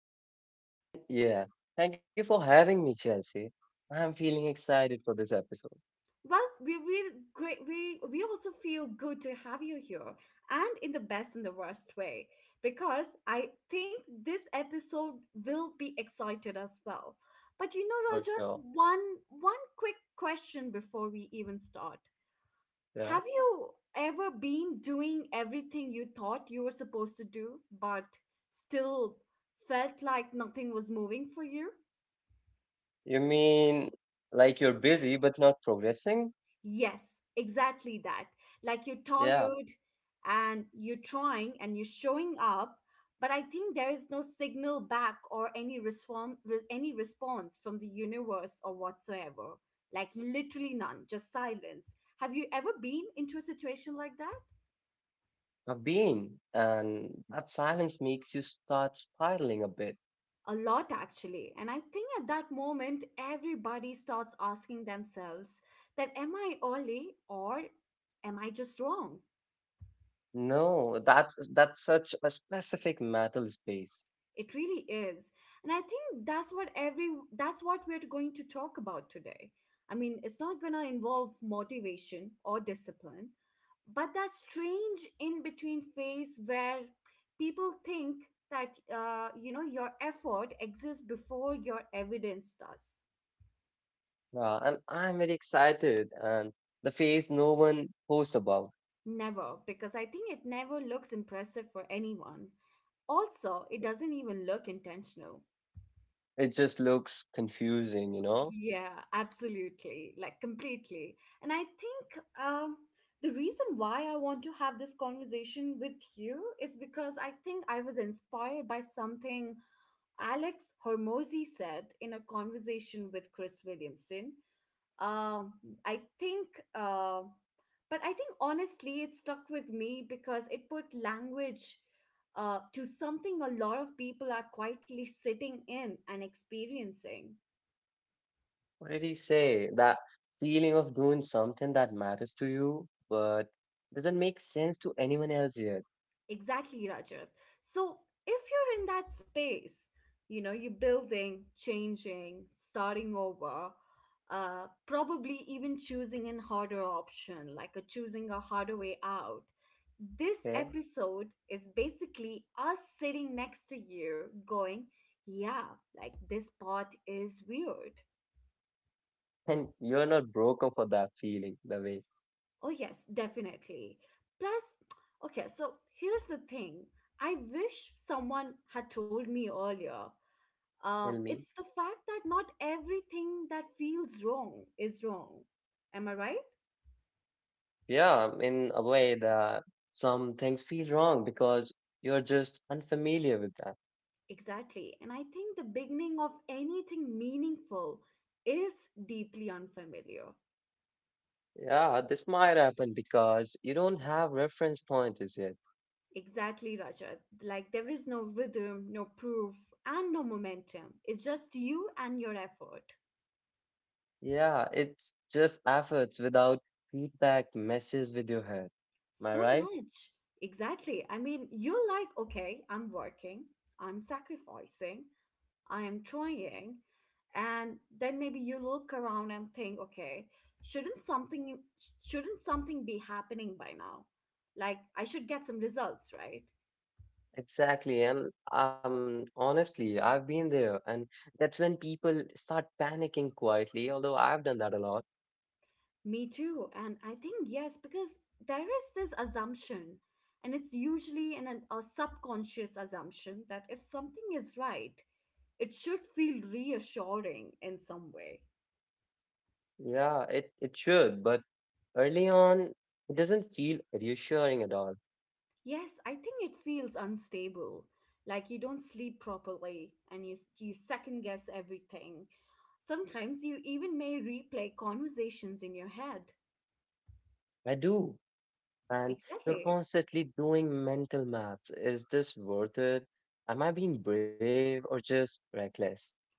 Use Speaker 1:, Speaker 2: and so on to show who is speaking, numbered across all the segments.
Speaker 1: welcome. And yeah, thank you for having me, Chelsea. I'm feeling excited for this episode,
Speaker 2: Well, we great we also feel good to have you here and in the best and the worst way because I think this episode will be excited as well. But
Speaker 1: for
Speaker 2: Roger,
Speaker 1: sure.
Speaker 2: one one quick question before we even start. Have
Speaker 1: Yeah.
Speaker 2: you ever been doing everything you thought you were supposed to do, but still felt like nothing was moving for you?
Speaker 1: You mean like you're busy but not progressing?
Speaker 2: Yes, exactly that. Like you're
Speaker 1: Yeah,
Speaker 2: tired and you're trying and you're showing up, but I think there is no signal back or any response from the universe or whatsoever. Like literally none, just silence. Have you ever been into a situation like that?
Speaker 1: I've been. And that silence makes you start spiraling a bit.
Speaker 2: A lot, actually. And I think at that moment everybody starts asking themselves that, am I early or am I just wrong?
Speaker 1: No, that's such a specific mental space.
Speaker 2: It really is. And I think that's what we're going to talk about today. I mean, it's not going to involve motivation or discipline, but that strange in between phase where people think that your effort exists before your evidence does.
Speaker 1: Yeah, and I'm very excited and the phase no one posts about.
Speaker 2: Never, because I think it never looks impressive for anyone. Also, it doesn't even look intentional.
Speaker 1: It just looks confusing, you know?
Speaker 2: Yeah, absolutely. Like completely. And I think the reason why I want to have this conversation with you is because I think I was inspired by something Alex Hormozy said in a conversation with Chris Williamson. Um, I think, uh, but I think honestly, it stuck with me because it put language to something a lot of people are quietly sitting in and experiencing.
Speaker 1: What did he say? That feeling of doing something that matters to you, but doesn't make sense to anyone else yet.
Speaker 2: Exactly, Rajab. So if you're in that space, you're building, changing, starting over, probably even choosing an harder option, like a choosing a harder way out. This
Speaker 1: Okay?
Speaker 2: episode is basically us sitting next to you going, yeah, like this part is weird.
Speaker 1: And you're not broken for that feeling, the way.
Speaker 2: Oh, yes, definitely. Plus, okay, so here's the thing. I wish someone had told me earlier.
Speaker 1: Tell
Speaker 2: It's
Speaker 1: me.
Speaker 2: the fact that not everything that feels wrong is wrong. Am I right?
Speaker 1: Yeah, in a way that some things feel wrong because you're just unfamiliar with that.
Speaker 2: Exactly. And I think the beginning of anything meaningful is deeply unfamiliar.
Speaker 1: Yeah, this might happen because you don't have reference pointers yet.
Speaker 2: Exactly, Rajat. Like there is no rhythm, no proof, and no momentum. It's just you and your effort.
Speaker 1: Yeah, it's just efforts without feedback messes with your head. Am I
Speaker 2: So
Speaker 1: right?
Speaker 2: much. Exactly. I mean, you're like, okay, I'm working, I'm sacrificing, I am trying. And then maybe you look around and think, okay, shouldn't something shouldn't something be happening by now? Like I should get some results, right?
Speaker 1: Exactly. And honestly, I've been there. And that's when people start panicking quietly, although I've done that a lot.
Speaker 2: Me too. And I think yes, because there is this assumption, and it's usually a subconscious assumption that if something is right, it should feel reassuring in some way.
Speaker 1: Yeah, it should. But early on, it doesn't feel reassuring at all.
Speaker 2: Yes, I think it feels unstable. Like you don't sleep properly and you second guess everything. Sometimes you even may replay conversations in your head.
Speaker 1: I do. And you're
Speaker 2: Exactly.
Speaker 1: constantly doing mental maths. Is this worth it? Am I being brave or just reckless?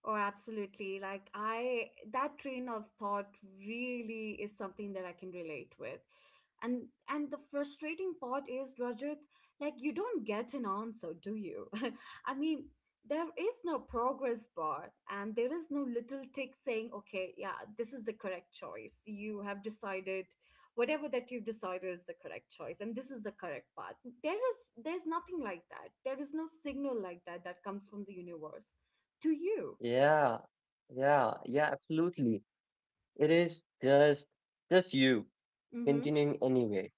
Speaker 2: Oh, absolutely. Like, that train of thought really is something that I can relate with. And the frustrating part is, Rajat, like you don't get an answer, do you? I mean, there is no progress bar and there is no little tick saying, okay, yeah, this is the correct choice. You have decided whatever that you've decided is the correct choice and this is the correct path. There's nothing like that. There is no signal like that that comes from the universe to you.
Speaker 1: Yeah, yeah, yeah, absolutely. It is just you
Speaker 2: Mm-hmm,
Speaker 1: continuing anyway.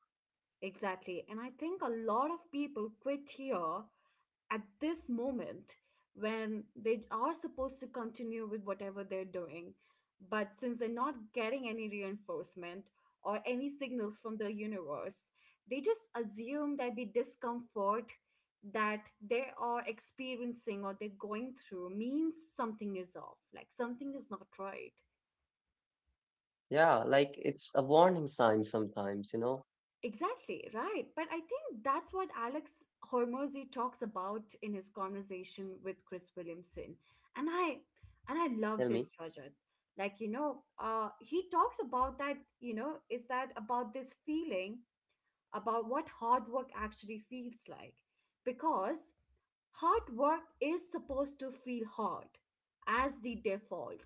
Speaker 2: exactly. And I think a lot of people quit here at this moment when they are supposed to continue with whatever they're doing. But since they're not getting any reinforcement or any signals from the universe, they just assume that the discomfort that they are experiencing or they're going through means something is off, like something is not right.
Speaker 1: Yeah, like it's a warning sign sometimes.
Speaker 2: Exactly, right. But I think that's what Alex Hormozy talks about in his conversation with Chris Williamson. And I
Speaker 1: Tell
Speaker 2: and I
Speaker 1: me.
Speaker 2: love this Rajat. He talks about that, is that about this feeling about what hard work actually feels like. Because hard work is supposed to feel hard as the default.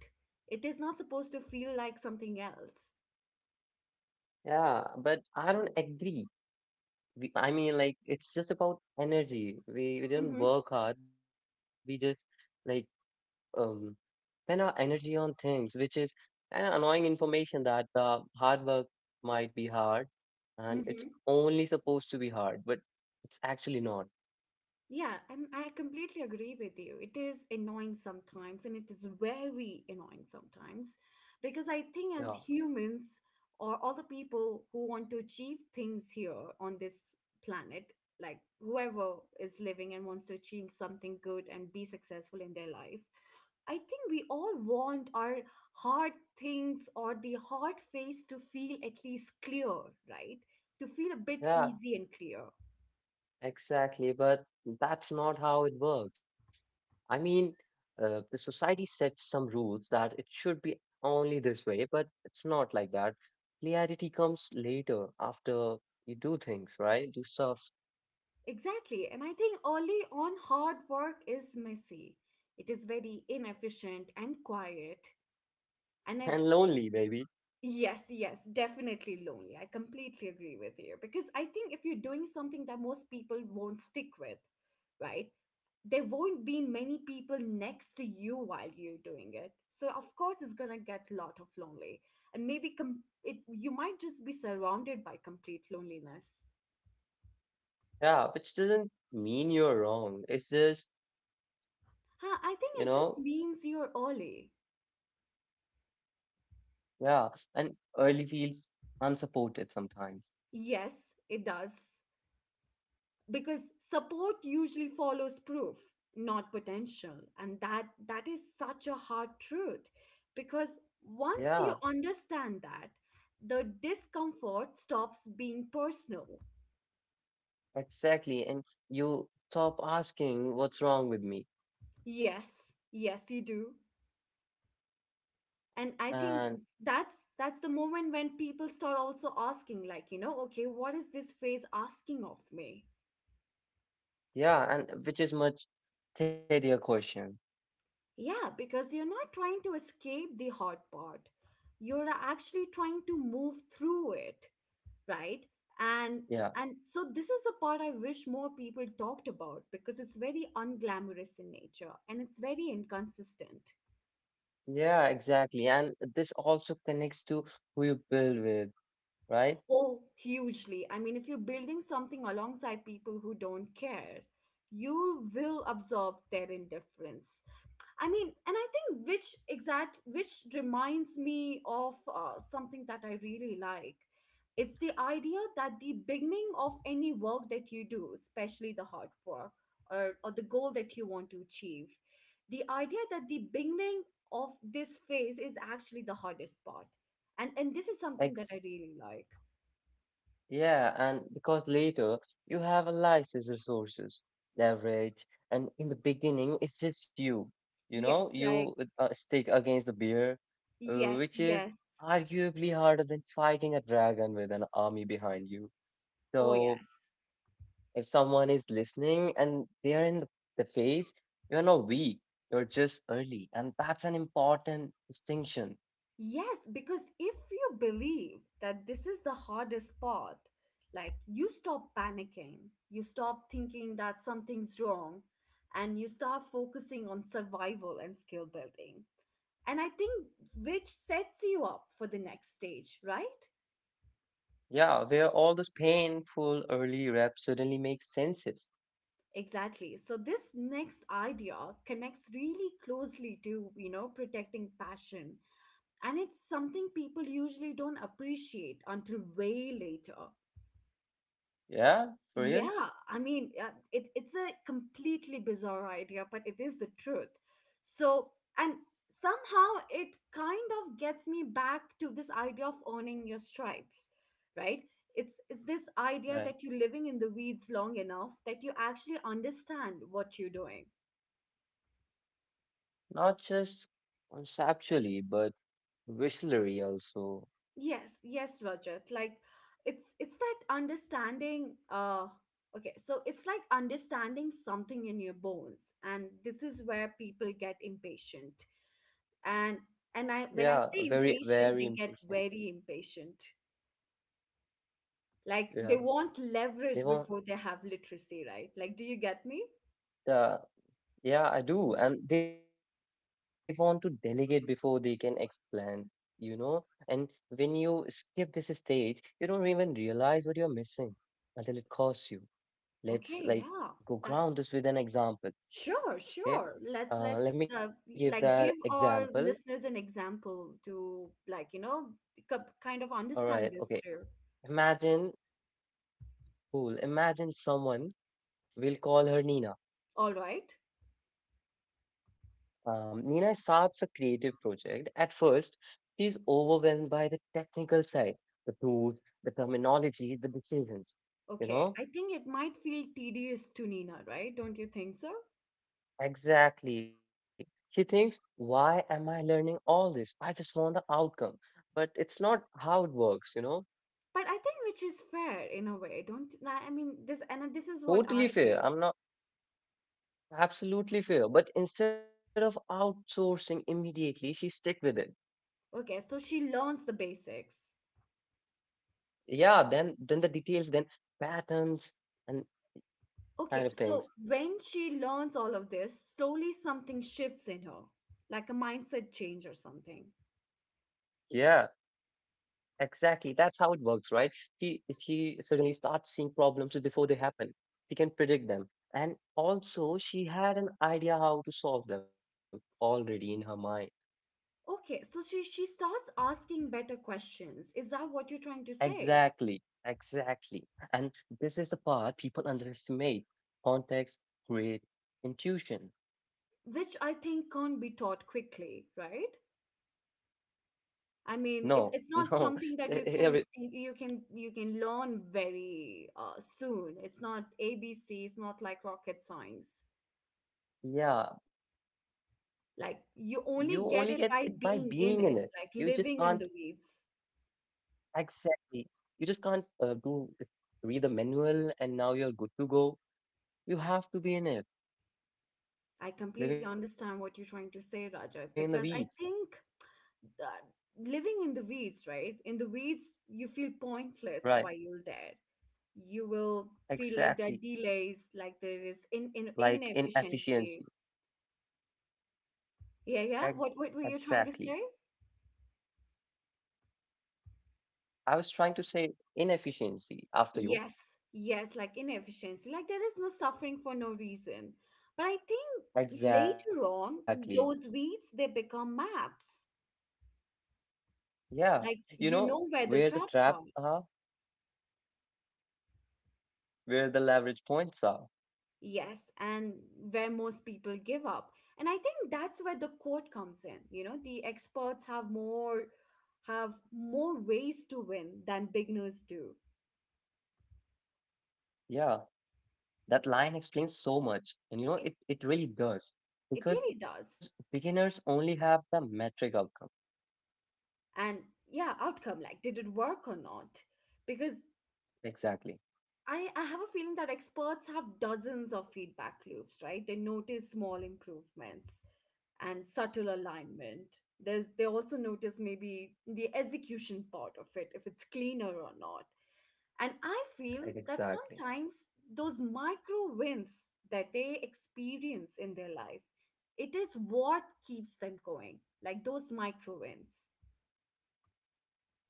Speaker 2: It is not supposed to feel like something else.
Speaker 1: Yeah, but I don't agree. I mean, like it's just about energy. We don't work hard. We just like um spend our energy on things, which is kind of annoying information that hard work might be hard, and it's
Speaker 2: Mm-hmm.
Speaker 1: only supposed to be hard, but it's actually not.
Speaker 2: Yeah, and I completely agree with you. It is annoying sometimes, and it is very annoying sometimes, because I
Speaker 1: Yeah.
Speaker 2: think as humans or all the people who want to achieve things here on this planet, like whoever is living and wants to achieve something good and be successful in their life, I think we all want our hard things or the hard face to feel at least clear, right? To feel a bit
Speaker 1: Yeah,
Speaker 2: easy and clear.
Speaker 1: exactly, but that's not how it works. I mean, the society sets some rules that it should be only this way, but it's not like that. Clarity comes later after you do things, right? Do stuff
Speaker 2: Exactly. And I think early on, hard work is messy. It is very inefficient and quiet. And it.
Speaker 1: and lonely, baby.
Speaker 2: Yes, yes, definitely lonely. I completely agree with you because I think if you're doing something that most people won't stick with, right? There won't be many people next to you while you're doing it. So of course it's going to get a lot of lonely. And maybe com- it you might just be surrounded by complete loneliness.
Speaker 1: Yeah, which doesn't mean you're wrong. It's just, you
Speaker 2: Huh, I
Speaker 1: know,
Speaker 2: think it just means you're early.
Speaker 1: yeah, and early feels unsupported sometimes.
Speaker 2: Yes, it does. Because support usually follows proof not potential, and that is such a hard truth because
Speaker 1: Yeah,
Speaker 2: once you understand that the discomfort stops being personal.
Speaker 1: exactly. And you stop asking what's wrong with me.
Speaker 2: Yes, yes you do. And I think
Speaker 1: And
Speaker 2: that's the moment when people start also asking, like, okay, what is this phase asking of me?
Speaker 1: yeah, and which is much steadier question.
Speaker 2: Yeah, because you're not trying to escape the hard part, you're actually trying to move through it, right? and
Speaker 1: Yeah,
Speaker 2: and so this is the part I wish more people talked about because it's very unglamorous in nature and it's very inconsistent.
Speaker 1: yeah, exactly. And this also connects to who you build with, right?
Speaker 2: Oh, hugely. I mean, if you're building something alongside people who don't care, you will absorb their indifference. I mean, and I think which reminds me of something that I really like. It's the idea that the beginning of any work that you do, especially the hard work or the goal that you want to achieve, the idea that the beginning of this phase is actually the hardest part. And this is something that
Speaker 1: Ex
Speaker 2: I really like.
Speaker 1: Yeah, and because later you have allies as resources, leverage, and in the beginning it's just you. You know,
Speaker 2: Yes, like
Speaker 1: you stick against the bear,
Speaker 2: yes,
Speaker 1: which is
Speaker 2: yes.
Speaker 1: arguably harder than fighting a dragon with an army behind you.
Speaker 2: Oh
Speaker 1: So
Speaker 2: yes.
Speaker 1: if someone is listening and they are in the phase, you're not weak, you're just early. And that's an important distinction.
Speaker 2: Yes, because if you believe that this is the hardest part, like you stop panicking, you stop thinking that something's wrong, and you start focusing on survival and skill building. And I think which sets you up for the next stage, right?
Speaker 1: Yeah, where all those painful early reps suddenly make senses.
Speaker 2: Exactly. So this next idea connects really closely to, protecting passion. And it's something people usually don't appreciate until way later.
Speaker 1: Yeah, for real.
Speaker 2: Yeah, I mean, it's a completely bizarre idea, but it is the truth. So, and somehow it kind of gets me back to this idea of owning your stripes, right? It's this idea
Speaker 1: Right.
Speaker 2: that you're living in the weeds long enough that you actually understand what you're doing.
Speaker 1: Not just conceptually, but visually also.
Speaker 2: Yes, yes, Roger. Like it's that understanding, okay, so it's like understanding something in your bones, and this is where people get impatient. And and I when I
Speaker 1: Yeah,
Speaker 2: say
Speaker 1: very,
Speaker 2: impatient they
Speaker 1: very
Speaker 2: get
Speaker 1: impatient.
Speaker 2: very impatient. Like they
Speaker 1: Yeah,
Speaker 2: want leverage before
Speaker 1: they
Speaker 2: they
Speaker 1: won't.
Speaker 2: have literacy, right? Like, do you get me?
Speaker 1: Yeah, yeah, I do. And they want to delegate before they can explain, you know? And when you skip this stage, you don't even realize what you're missing until it costs you.
Speaker 2: Okay,
Speaker 1: Let's
Speaker 2: yeah.
Speaker 1: like go
Speaker 2: that's
Speaker 1: ground this with an example,
Speaker 2: Sure, sure,
Speaker 1: okay?
Speaker 2: let's
Speaker 1: Let me give
Speaker 2: like give
Speaker 1: that
Speaker 2: our
Speaker 1: example.
Speaker 2: listeners an example to, like, kind of
Speaker 1: All right,
Speaker 2: understand this
Speaker 1: okay.
Speaker 2: through.
Speaker 1: Imagine, cool. Imagine someone will call her Nina.
Speaker 2: All right.
Speaker 1: Nina starts a creative project. At first, she's overwhelmed by the technical side, the tools, the terminology, the decisions. You
Speaker 2: Okay. I
Speaker 1: know,
Speaker 2: think it might feel tedious to Nina, right? Don't you think so?
Speaker 1: exactly. She thinks, why am I learning all this? I just want the outcome. But it's not how it works.
Speaker 2: But I think which is fair in a way, don't I? I mean, this and this is what
Speaker 1: Totally
Speaker 2: I
Speaker 1: fair.
Speaker 2: think.
Speaker 1: I'm not Absolutely fair. But instead of outsourcing immediately, she stick with it.
Speaker 2: Okay, so she learns the basics.
Speaker 1: Yeah, then the details, then patterns and
Speaker 2: Okay, so when
Speaker 1: kind of
Speaker 2: she
Speaker 1: things.
Speaker 2: learns all of this, slowly something shifts in her, like a mindset change or something.
Speaker 1: Yeah. Exactly. That's how it works, right? He suddenly starts seeing problems before they happen. He can predict them. And also she had an idea how to solve them already in her mind.
Speaker 2: Okay, so she starts asking better questions. Is that what you're trying to say?
Speaker 1: Exactly. Exactly. And this is the part people underestimate. Context, great
Speaker 2: Which I
Speaker 1: intuition.
Speaker 2: think can't be taught quickly, right? I mean, it,
Speaker 1: No,
Speaker 2: it's not
Speaker 1: no.
Speaker 2: something that you can
Speaker 1: Here it-
Speaker 2: you can you can learn very soon. It's not ABC. It's not like rocket science.
Speaker 1: Yeah, you
Speaker 2: Like
Speaker 1: only get
Speaker 2: you
Speaker 1: it by
Speaker 2: only get
Speaker 1: being
Speaker 2: it
Speaker 1: in
Speaker 2: by
Speaker 1: it.
Speaker 2: being
Speaker 1: You
Speaker 2: in
Speaker 1: just
Speaker 2: it, like
Speaker 1: can't
Speaker 2: living in the weeds.
Speaker 1: Exactly. You just can't do read the manual and now you're good to go. You have to be in it,
Speaker 2: I completely understand what you're
Speaker 1: living in the
Speaker 2: trying to say,
Speaker 1: weeds.
Speaker 2: Rajat, because I think that living in the weeds, right? In the weeds, you feel pointless
Speaker 1: Right.
Speaker 2: while you're there. You will feel like there are
Speaker 1: Exactly.
Speaker 2: delays, like there is in
Speaker 1: Like
Speaker 2: inefficiency.
Speaker 1: inefficiency. Ex-
Speaker 2: Yeah, yeah. What
Speaker 1: Exactly.
Speaker 2: what were you trying to say?
Speaker 1: I was trying to say inefficiency after you.
Speaker 2: Yes, yes, like inefficiency. Like there is no suffering for no reason. But I think later on,
Speaker 1: Exactly.
Speaker 2: those weeds they become maps.
Speaker 1: Yeah.
Speaker 2: Like you
Speaker 1: You
Speaker 2: know
Speaker 1: know
Speaker 2: where the
Speaker 1: where the
Speaker 2: traps are.
Speaker 1: trap are, where the leverage points are.
Speaker 2: Yes, and where most people give up. And I think that's where the court comes in. The experts have more ways to win than beginners do.
Speaker 1: Yeah. That line explains so much, and it,
Speaker 2: It
Speaker 1: it really does
Speaker 2: it
Speaker 1: because
Speaker 2: really does.
Speaker 1: beginners only have the metric outcome.
Speaker 2: And yeah, outcome, like did it work or not? Because
Speaker 1: Exactly.
Speaker 2: I have a feeling that experts have dozens of feedback loops, right? They notice small improvements and subtle alignment.
Speaker 1: Yeah,
Speaker 2: They also notice
Speaker 1: yeah,
Speaker 2: maybe the execution part of it, if it's cleaner or not. And I feel that
Speaker 1: exactly.
Speaker 2: sometimes those micro wins that they experience in their life, it is what keeps them going, like those micro wins.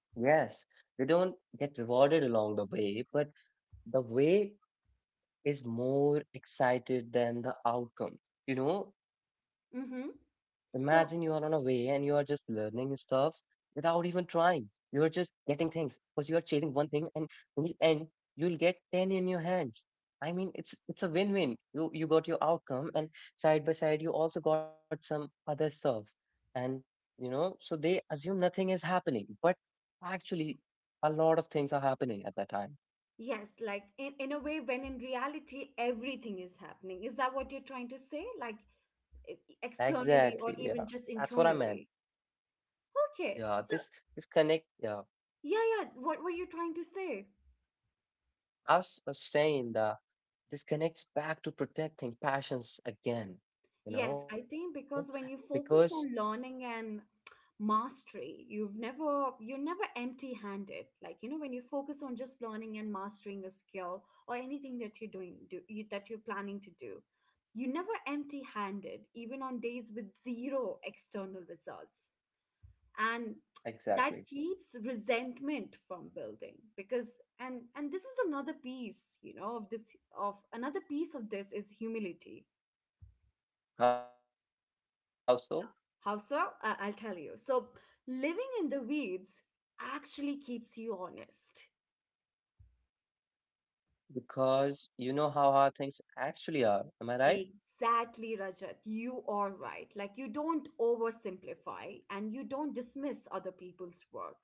Speaker 1: Yes, they don't get rewarded along the way, but the way is more excited than the outcome. You know,
Speaker 2: Mm-hmm.
Speaker 1: Imagine
Speaker 2: So
Speaker 1: you are on a way and you are just learning stuff without even trying. You're just getting things because you are chasing one thing and in the end you'll get 10 in your hands. I mean it's a win-win. You got your outcome and side by side you also got some other stuffs. And so they assume nothing is happening, but actually a lot of things are happening at that time.
Speaker 2: yes, like in a way, when in reality, everything is happening. Is that what you're trying to say? Like externally or
Speaker 1: Exactly. Yeah.
Speaker 2: even just
Speaker 1: That's what I
Speaker 2: internally?
Speaker 1: meant.
Speaker 2: Okay. So,
Speaker 1: Yeah. This connect, yeah.
Speaker 2: yeah, yeah. What were you trying to say?
Speaker 1: I was saying that this connects back to protecting passions again,
Speaker 2: Yes, I
Speaker 1: you
Speaker 2: think
Speaker 1: know,
Speaker 2: because when you focus
Speaker 1: because
Speaker 2: on learning and mastery, you're never empty-handed. Like, you know, when you focus on just learning and mastering a skill or anything that you're doing do, you, that you're planning to do, you're never empty-handed, even on days with zero external results. And that
Speaker 1: Exactly.
Speaker 2: keeps resentment from building because and this is another piece of this is humility.
Speaker 1: How so?
Speaker 2: How so? I'll tell you. So, living in the weeds actually keeps you honest.
Speaker 1: Because you know how hard things actually are. Am I right?
Speaker 2: Exactly, Rajat. You are right. Like, you don't oversimplify and you don't dismiss other people's work.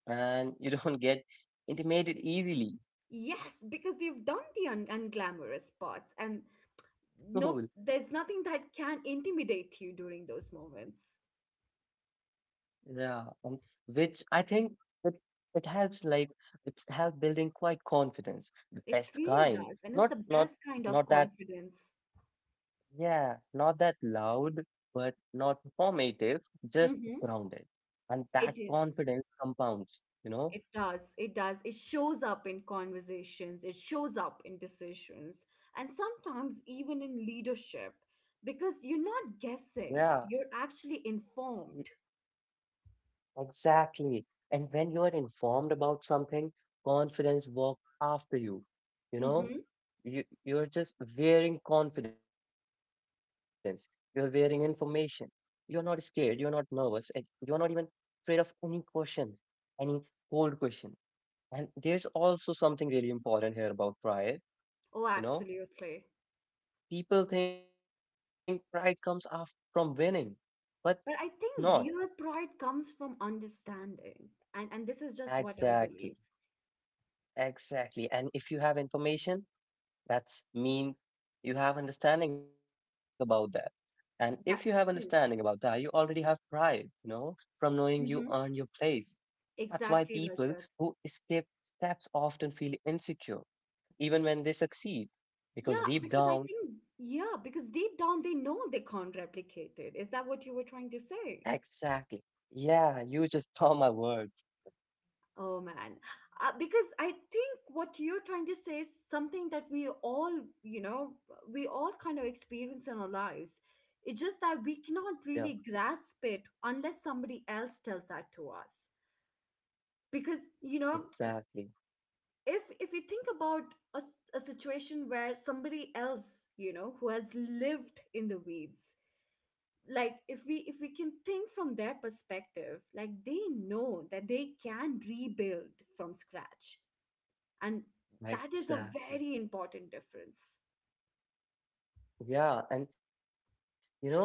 Speaker 1: And you don't get intimidated easily.
Speaker 2: Yes, because you've done the unglamorous parts, and no,
Speaker 1: Cool.
Speaker 2: there's nothing that can intimidate you during those moments.
Speaker 1: Yeah. Which I think it, it helps like it's helped building quite confidence, the
Speaker 2: It
Speaker 1: best
Speaker 2: really does.
Speaker 1: kind.
Speaker 2: And it's the
Speaker 1: Not
Speaker 2: best
Speaker 1: not
Speaker 2: kind of
Speaker 1: not that
Speaker 2: confidence.
Speaker 1: Yeah, not that loud, but not performative, just
Speaker 2: Mm-hmm.
Speaker 1: grounded. And
Speaker 2: It
Speaker 1: that
Speaker 2: is.
Speaker 1: confidence compounds, you
Speaker 2: It
Speaker 1: know?
Speaker 2: does. It does. It shows up in conversations, it shows up in decisions, and sometimes even in leadership because you're not
Speaker 1: Yeah,
Speaker 2: guessing, you're actually
Speaker 1: e-
Speaker 2: informed.
Speaker 1: exactly. And when you're informed about something, confidence walks after you, you know?
Speaker 2: Hmm.
Speaker 1: You're just wearing confidence, you're wearing information. You're not scared, you're not nervous, and you're not even afraid of any question, any cold question. And there's also something really important here about pride.
Speaker 2: Oh,
Speaker 1: You know,
Speaker 2: absolutely.
Speaker 1: People think pride comes after from winning, but
Speaker 2: But
Speaker 1: not
Speaker 2: I think real pride comes from understanding. And this is just what I
Speaker 1: exactly.
Speaker 2: believe.
Speaker 1: Exactly. And if you have information, that's mean you have understanding about that. And if you have understanding
Speaker 2: That's
Speaker 1: about
Speaker 2: true.
Speaker 1: that, you already have pride, from knowing you
Speaker 2: Hmm.
Speaker 1: earn your place. That's why
Speaker 2: Exactly,
Speaker 1: people
Speaker 2: Rajat.
Speaker 1: who escape steps often feel insecure, even when they succeed, because
Speaker 2: Yeah,
Speaker 1: deep
Speaker 2: because I
Speaker 1: down
Speaker 2: think, yeah, because deep down they know they can't replicate it. Is that what you were trying to say?
Speaker 1: Exactly. Yeah, you just caught my words.
Speaker 2: Oh man, because I think what you're trying to say is something that we all, you know, we all kind of experience in our lives. It's just that we
Speaker 1: Yeah,
Speaker 2: cannot really grasp it unless somebody else tells that to us. Because, you know,
Speaker 1: exactly.
Speaker 2: if you think about a situation where somebody else, you know, who has lived in the weeds, like if we can think from their perspective, like they know that they can rebuild from scratch and that is a very
Speaker 1: Exactly.
Speaker 2: important difference.
Speaker 1: Yeah, and you know,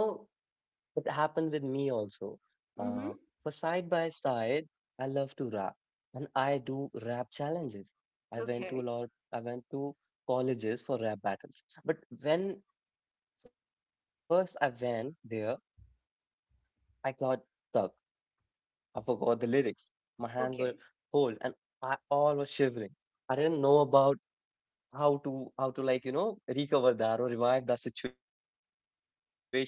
Speaker 1: it happened with me also. Uh,
Speaker 2: Mm-hmm.
Speaker 1: for side by side, I love to rap and I do rap challenges. I
Speaker 2: Okay.
Speaker 1: went to a lot, I went to colleges for rap battles. But when first I went there, I got stuck. I forgot the lyrics. My hands were
Speaker 2: Okay.
Speaker 1: cold and I all was shivering. I didn't know about how to like, recover that or revive that situation, but I couldn't.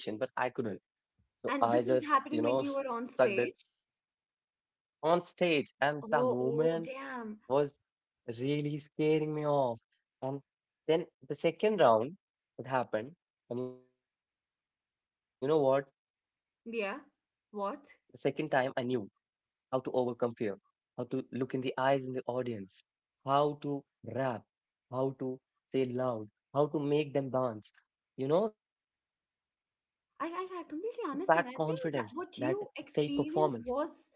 Speaker 1: So I just,
Speaker 2: And this was happening
Speaker 1: sucked
Speaker 2: when
Speaker 1: it
Speaker 2: you were on stage?
Speaker 1: on stage and the
Speaker 2: Oh,
Speaker 1: moment
Speaker 2: oh damn.
Speaker 1: was really scaring me off. And then the second round it happened. And you know what? The second
Speaker 2: Yeah.
Speaker 1: time I knew
Speaker 2: What?
Speaker 1: how to overcome fear, how to look in the eyes in the audience, how to rap, how to say loud, how to make them dance. That confidence, that
Speaker 2: I,
Speaker 1: stage
Speaker 2: I, I completely
Speaker 1: performance.
Speaker 2: understand. I think that what you experienced was,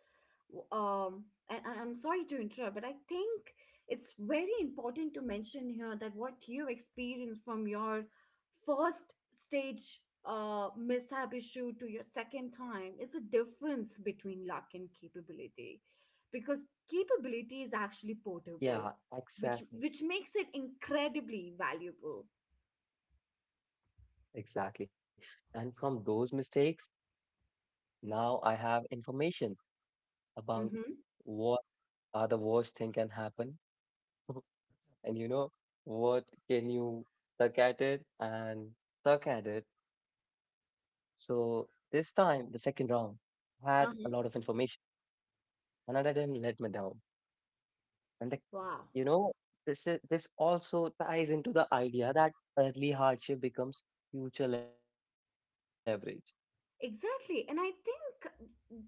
Speaker 2: um, and I'm sorry to interrupt, but I think it's very important to mention here that what you experienced from your first stage mishap issue to your second time is the difference between luck and capability, because
Speaker 1: Yeah,
Speaker 2: capability is actually
Speaker 1: exactly.
Speaker 2: portable, which makes it incredibly valuable.
Speaker 1: Exactly. And from those mistakes, now I have information about
Speaker 2: Mm-hmm.
Speaker 1: what are the worst thing can happen. And what can you suck at it and suck at it. So this time, the second round had a lot of
Speaker 2: Uh-huh.
Speaker 1: information, and I didn't let me down. And the,
Speaker 2: Wow.
Speaker 1: you know, this is this also ties into the idea that early hardship becomes future leverage.
Speaker 2: Exactly. And I think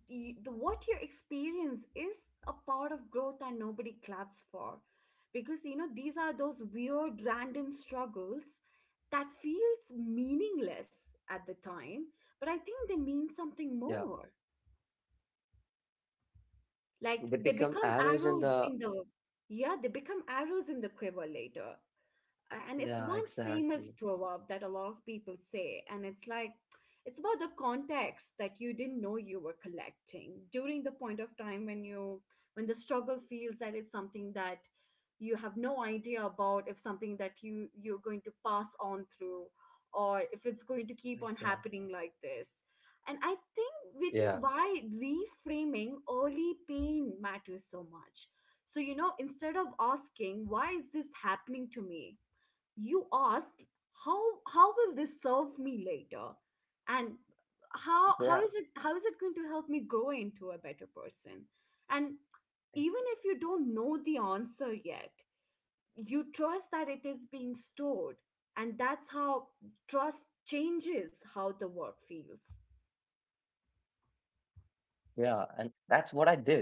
Speaker 2: the what you experience is a part of growth that nobody claps for. Because you know, these are those weird random struggles that feels meaningless at the time, but I think they
Speaker 1: Yeah,
Speaker 2: mean something more.
Speaker 1: they
Speaker 2: Like
Speaker 1: become
Speaker 2: they become
Speaker 1: arrows in the.
Speaker 2: arrows in the, yeah, they become arrows in the quiver later. And it's
Speaker 1: Yeah,
Speaker 2: one famous
Speaker 1: exactly,
Speaker 2: proverb that a lot of people say, and it's like it's about the context that you didn't know you were collecting during the point of time when you, when the struggle feels that it's something that you have no idea about, if something that you're going to pass on through or if it's going to
Speaker 1: exactly.
Speaker 2: keep on happening like this. And I think
Speaker 1: Yeah,
Speaker 2: which is why reframing early pain matters so much. So you know, instead of asking why is this happening to me, you asked how how will this serve me later? And
Speaker 1: yeah.
Speaker 2: how is it, how is it going to help me grow into a better person? And even if you don't know the answer yet, you trust that it is being stored. And that's how trust changes how the work feels.
Speaker 1: Yeah, and that's what I did.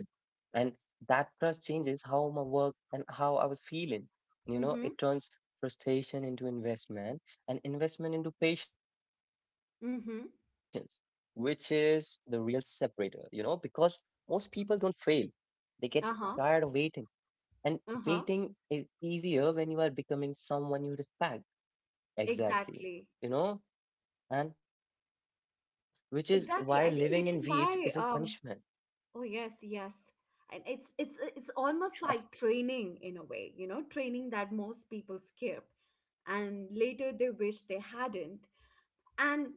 Speaker 1: And that trust changes how my work and how I was feeling. It
Speaker 2: Mm-hmm.
Speaker 1: turns frustration into investment and investment into patience, which
Speaker 2: Mm-hmm.
Speaker 1: is the real separator, because most people don't fail. They get tired of waiting.
Speaker 2: Uh-huh.
Speaker 1: And waiting
Speaker 2: Uh-huh.
Speaker 1: is easier when you are becoming someone you respect. Exactly.
Speaker 2: Exactly.
Speaker 1: You know, and which is why living in weeds
Speaker 2: Exactly. I
Speaker 1: isn't
Speaker 2: think which is
Speaker 1: punishment.
Speaker 2: why oh yes, yes. And it's it's almost like training in a way, you know, training that most people skip and later they wish they hadn't. And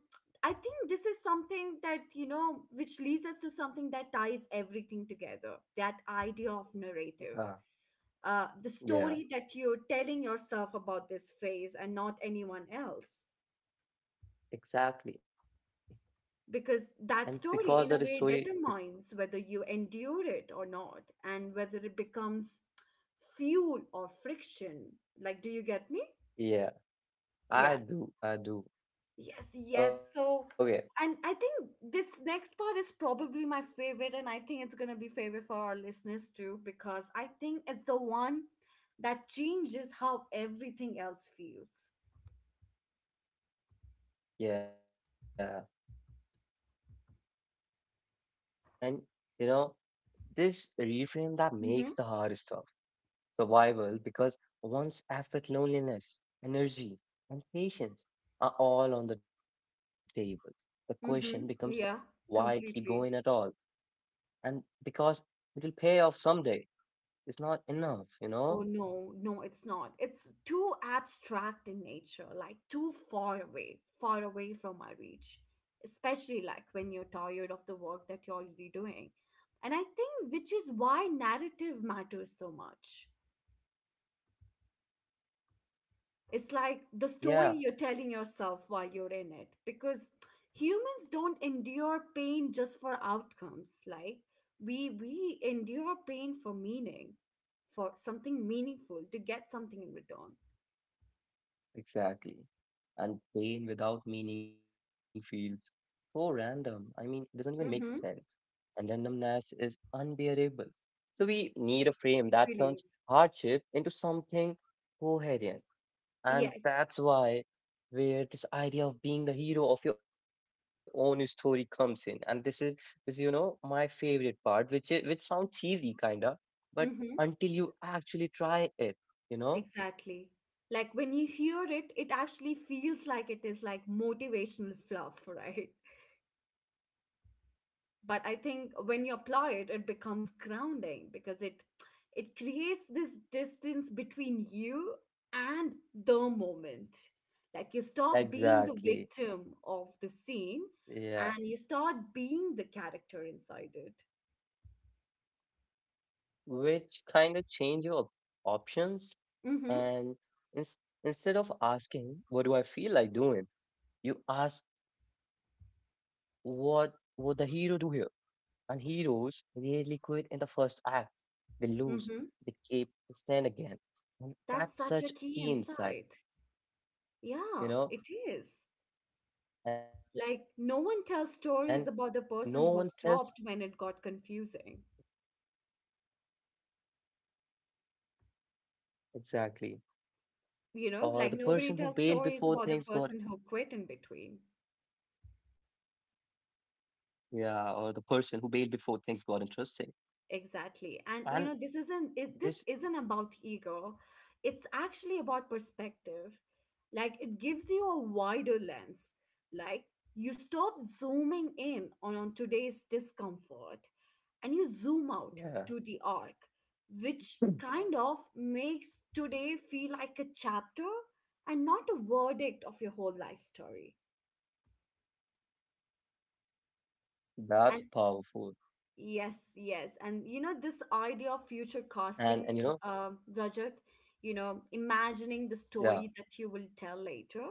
Speaker 2: I think this is something that, you know, which leads us to something that ties everything together, that idea of
Speaker 1: Yeah,
Speaker 2: narrative. The
Speaker 1: yeah.
Speaker 2: story that you're telling yourself about this phase and not anyone else.
Speaker 1: Exactly. And
Speaker 2: Because
Speaker 1: because
Speaker 2: that
Speaker 1: that
Speaker 2: story in a
Speaker 1: story,
Speaker 2: way determines whether you endure it or not and whether it becomes fuel or friction. Like do you get me?
Speaker 1: yeah, I
Speaker 2: Yeah.
Speaker 1: do, I do.
Speaker 2: Yes, yes.
Speaker 1: Okay,
Speaker 2: So, and I think this next part is probably my favorite, and I think it's going to be favorite for our listeners too, because I think it's the one that changes how everything else feels.
Speaker 1: yeah. And you know, this reframe that makes
Speaker 2: Mm-hmm.
Speaker 1: the hard stuff survival because one's effort, loneliness, energy, and patience are all on the table. The question becomes
Speaker 2: Mm-hmm. Yeah.
Speaker 1: why keep going at all?
Speaker 2: Completely.
Speaker 1: And because it will pay off someday. It's not enough, you
Speaker 2: Oh
Speaker 1: know?
Speaker 2: no, no, it's not. It's too abstract in nature, like too far away from my reach, especially like when you're tired of the work that you're already doing. And I think which is why narrative matters so much. It's like the story
Speaker 1: Yeah.
Speaker 2: you're telling yourself while you're in it, because humans don't endure pain just for outcomes. Like we endure pain for meaning, for something meaningful, to get something in return.
Speaker 1: Exactly. And pain without meaning feels so random. I mean, it doesn't even make sense. And randomness is unbearable. So we need a frame
Speaker 2: It
Speaker 1: that
Speaker 2: really
Speaker 1: turns
Speaker 2: is.
Speaker 1: hardship into something coherent. And
Speaker 2: Yes.
Speaker 1: that's why where this idea of being the hero of your own story comes in. And this is my favorite part, which sounds cheesy kinda, but until
Speaker 2: Mm-hmm.
Speaker 1: you actually try it, you know?
Speaker 2: Exactly. Like when you hear it, it actually feels like it is like motivational fluff, right? But I think when you apply it, it becomes grounding because it creates this distance between you and the moment. Like you stop being the
Speaker 1: Exactly.
Speaker 2: victim of the scene
Speaker 1: Yeah.
Speaker 2: and you start being the character inside it.
Speaker 1: Which kind of change your options.
Speaker 2: Mm-hmm.
Speaker 1: And ins- instead of asking what do I feel like doing, you ask what would the hero do here? And heroes really quit in the first act. They
Speaker 2: Mm-hmm.
Speaker 1: lose, they keep, they stand again.
Speaker 2: That's
Speaker 1: And
Speaker 2: such a key
Speaker 1: that's such a
Speaker 2: insight.
Speaker 1: key insight,
Speaker 2: Yeah, it is.
Speaker 1: you know.
Speaker 2: Like, no
Speaker 1: And
Speaker 2: one tells
Speaker 1: no
Speaker 2: stories
Speaker 1: one
Speaker 2: about the
Speaker 1: tells
Speaker 2: person who stopped when it got confusing.
Speaker 1: Exactly.
Speaker 2: You know, like nobody tells
Speaker 1: Or the
Speaker 2: stories
Speaker 1: person
Speaker 2: about the
Speaker 1: who bailed
Speaker 2: person who
Speaker 1: before
Speaker 2: quit in
Speaker 1: things got
Speaker 2: between.
Speaker 1: yeah or the person who bailed before things got interesting.
Speaker 2: Exactly. And you know,
Speaker 1: And
Speaker 2: this isn't about
Speaker 1: this
Speaker 2: ego. It's actually about perspective. Like it gives you a wider lens. Like you stop zooming in on, today's discomfort and you zoom out to the arc,
Speaker 1: Yeah,
Speaker 2: which kind of makes today feel like a chapter and not a verdict of your whole life story.
Speaker 1: that's powerful.
Speaker 2: Yes, yes. And you know, this idea of future casting,
Speaker 1: And you know,
Speaker 2: Rajat, you know, imagining the story that you will
Speaker 1: yeah,
Speaker 2: tell later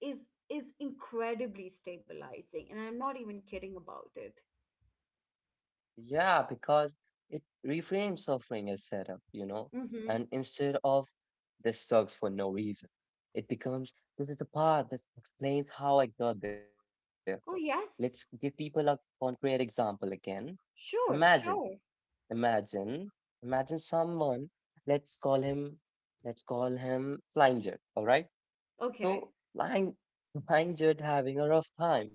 Speaker 2: is incredibly stabilizing. And I'm not even kidding about it.
Speaker 1: yeah, because it reframes suffering as setup, you know,
Speaker 2: Mm-hmm.
Speaker 1: and instead of this sucks for no reason, it becomes this is the part that explains how I got there. Let's
Speaker 2: Oh,
Speaker 1: give people
Speaker 2: yes.
Speaker 1: a concrete example again. Imagine,
Speaker 2: Sure, sure.
Speaker 1: imagine, imagine someone, let's call him, let's call him Flying Jet, all right?
Speaker 2: Okay.
Speaker 1: So Langjut having a rough time,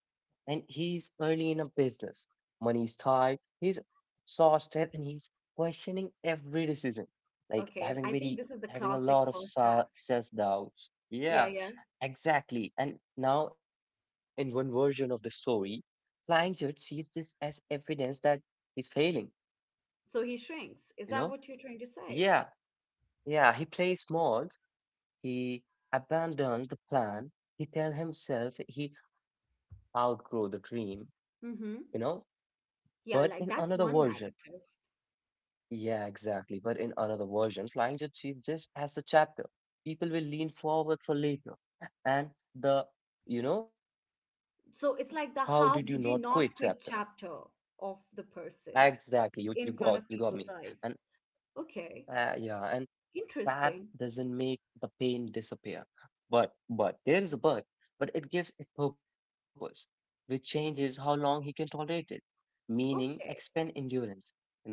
Speaker 1: and he's early in a business. Money's tight, he's exhausted, and he's questioning every decision. Like
Speaker 2: Okay.
Speaker 1: having
Speaker 2: I think
Speaker 1: very
Speaker 2: this is the
Speaker 1: Having a
Speaker 2: classic
Speaker 1: lot of
Speaker 2: first act.
Speaker 1: self-doubts.
Speaker 2: Yeah,
Speaker 1: Yeah,
Speaker 2: yeah.
Speaker 1: exactly. And now in one version of the story, Langjut sees this as evidence that he's failing,
Speaker 2: So he
Speaker 1: you
Speaker 2: shrinks.
Speaker 1: know?
Speaker 2: Is that what you're trying to
Speaker 1: Yeah,
Speaker 2: say?
Speaker 1: yeah, he plays small. He abandoned the plan. He tell himself he outgrow the dream, you know.
Speaker 2: Mm-hmm.
Speaker 1: But in
Speaker 2: Yeah,
Speaker 1: another
Speaker 2: like that's
Speaker 1: version,
Speaker 2: one narrative.
Speaker 1: yeah, exactly. But in another version, Flying Jutsu is just as a chapter. People will lean forward for later. And the, you know, how did you not
Speaker 2: So
Speaker 1: quit
Speaker 2: it's like the
Speaker 1: chapter?
Speaker 2: how did you not quit chapter of the
Speaker 1: Exactly. You
Speaker 2: person
Speaker 1: you got you
Speaker 2: in
Speaker 1: got
Speaker 2: front
Speaker 1: me.
Speaker 2: of people's
Speaker 1: And
Speaker 2: eyes. Okay,
Speaker 1: yeah, and that
Speaker 2: interesting.
Speaker 1: doesn't make the pain disappear. But, there is a but it gives it purpose, which changes how long he can tolerate it, meaning expand
Speaker 2: Okay.
Speaker 1: endurance. You know,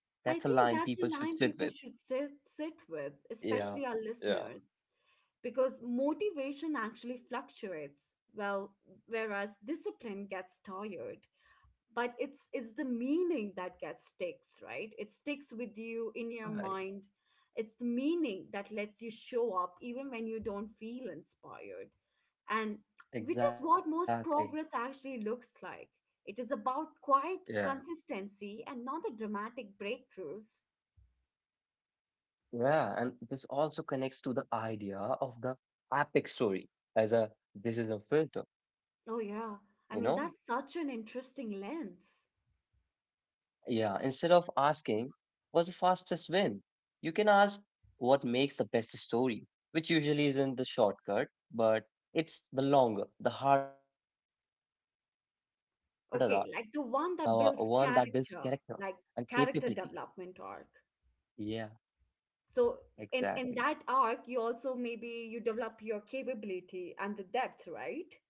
Speaker 1: that's a
Speaker 2: I
Speaker 1: line
Speaker 2: think
Speaker 1: people
Speaker 2: that's a
Speaker 1: should
Speaker 2: line
Speaker 1: sit with.
Speaker 2: people should sit with,
Speaker 1: Yeah,
Speaker 2: especially our
Speaker 1: yeah,
Speaker 2: listeners, because motivation actually fluctuates, well, whereas discipline gets tired. But it's the meaning that gets sticks, right? It sticks with you in your
Speaker 1: right,
Speaker 2: mind. It's the meaning that lets you show up even when you don't feel inspired, and which is what
Speaker 1: exactly.
Speaker 2: most progress actually looks like. It is about quiet
Speaker 1: Yeah,
Speaker 2: consistency and not the dramatic breakthroughs.
Speaker 1: yeah. And this also connects to the idea of the epic story as a this is a filter, you
Speaker 2: Oh
Speaker 1: know.
Speaker 2: yeah, I mean, that's such an interesting lens.
Speaker 1: Yeah, instead of asking what's the fastest win, you can ask what makes the best story, which usually isn't the shortcut, but it's the longer, the harder art, the one that builds
Speaker 2: Okay,
Speaker 1: character
Speaker 2: like the one
Speaker 1: and
Speaker 2: that builds
Speaker 1: capability.
Speaker 2: character. Like character
Speaker 1: Yeah,
Speaker 2: development arc.
Speaker 1: exactly.
Speaker 2: So in that arc you also maybe you develop your capability and the depth, right?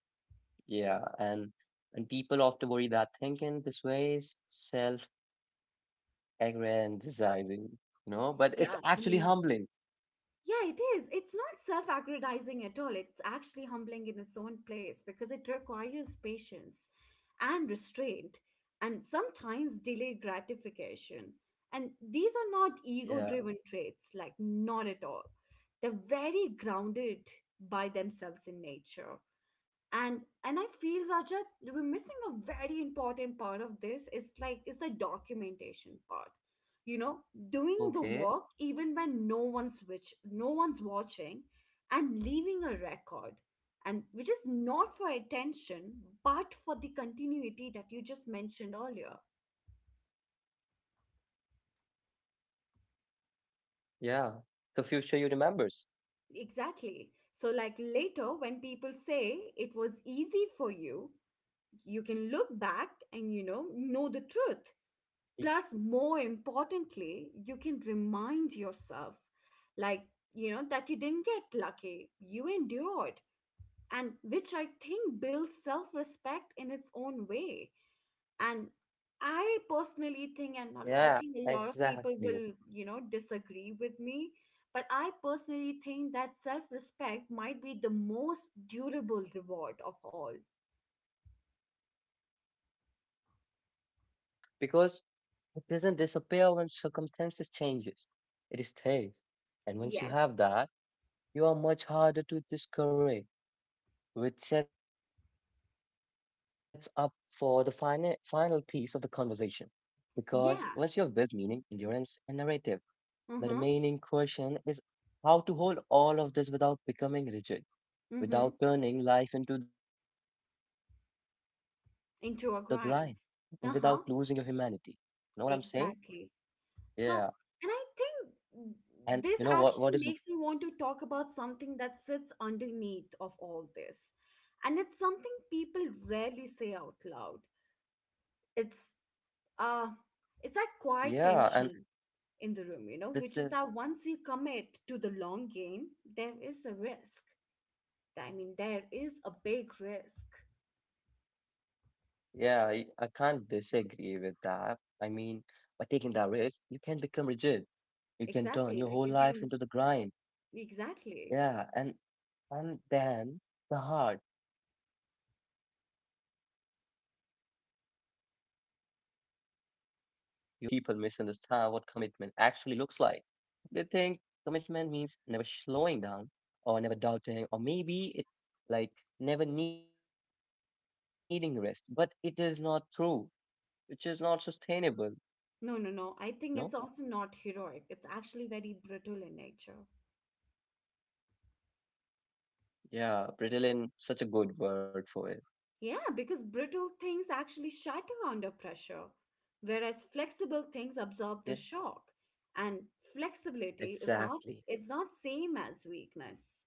Speaker 1: Yeah, and people often worry that thinking this way is self-aggrandizing, you know, but it's
Speaker 2: Yeah, I
Speaker 1: actually
Speaker 2: mean,
Speaker 1: humbling.
Speaker 2: yeah, it is. It's not self-aggrandizing at all. It's actually humbling in its own place because it requires patience and restraint and sometimes delayed gratification. And these are not
Speaker 1: Yeah.
Speaker 2: ego driven traits, like not at all. They're very grounded by themselves in nature. And I feel, Rajat, we're missing a very important part of this. It's like it's the documentation part, you know, doing the
Speaker 1: Okay.
Speaker 2: work even when no one's watching and leaving a record, and which is not for attention but for the continuity that you just mentioned earlier.
Speaker 1: Yeah. The future you remembers.
Speaker 2: Exactly. So like later when people say it was easy for you, you can look back and you know the truth. Plus, more importantly, you can remind yourself, like, you know that you didn't get lucky, you endured. And which I think
Speaker 1: Yeah,
Speaker 2: builds self-respect in its own way. And I personally think,
Speaker 1: exactly.
Speaker 2: and I think a lot of people will, you know, disagree with me, but I personally think that self-respect might be the most durable reward of all.
Speaker 1: Yeah, it is actually, you know, because it doesn't disappear when circumstances changes. It stays. And once
Speaker 2: Yes.
Speaker 1: you have that, you are much harder to discourage, which sets up for the final final piece of the conversation. Because once you have built
Speaker 2: Yeah.
Speaker 1: meaning, endurance, and narrative, the
Speaker 2: Mm-hmm.
Speaker 1: remaining question is how to hold all of this without becoming rigid,
Speaker 2: Mm-hmm.
Speaker 1: without turning life into the grind, and without losing your
Speaker 2: Into a
Speaker 1: humanity.
Speaker 2: grind.
Speaker 1: Know what I'm
Speaker 2: Uh-huh.
Speaker 1: saying? Yeah.
Speaker 2: Exactly. So, and I
Speaker 1: And you
Speaker 2: think
Speaker 1: know what
Speaker 2: this
Speaker 1: is m-
Speaker 2: actually makes me want to talk about something that sits underneath of all this. And it's something people
Speaker 1: yeah.
Speaker 2: rarely say out loud. It's uh
Speaker 1: Yeah,
Speaker 2: it's
Speaker 1: and
Speaker 2: that quiet tension
Speaker 1: this
Speaker 2: in the room,
Speaker 1: is
Speaker 2: you know, which is that once you commit to the long game, there is a risk. I mean, there is a big risk.
Speaker 1: yeah, I can't disagree with that. I mean, by taking that risk, you can become rigid.
Speaker 2: Exactly.
Speaker 1: You
Speaker 2: Like
Speaker 1: can
Speaker 2: you
Speaker 1: turn
Speaker 2: can
Speaker 1: your whole life into the grind.
Speaker 2: exactly.
Speaker 1: Yeah, and then the heart you are enduring start to feel hollow. And this is where people misunderstand what commitment actually looks like. They think commitment means never slowing down or never doubting, or maybe it like never needing rest, but it is not true, which is not sustainable,
Speaker 2: No, no, no. I think
Speaker 1: no?
Speaker 2: it's also not heroic. It's actually very brutal in nature.
Speaker 1: Yeah, Brittle such a good word for it.
Speaker 2: Yeah, because brittle things actually shatter under pressure, whereas flexible things absorb the
Speaker 1: Yeah,
Speaker 2: shock. And flexibility is not
Speaker 1: exactly.
Speaker 2: it's not same as weakness.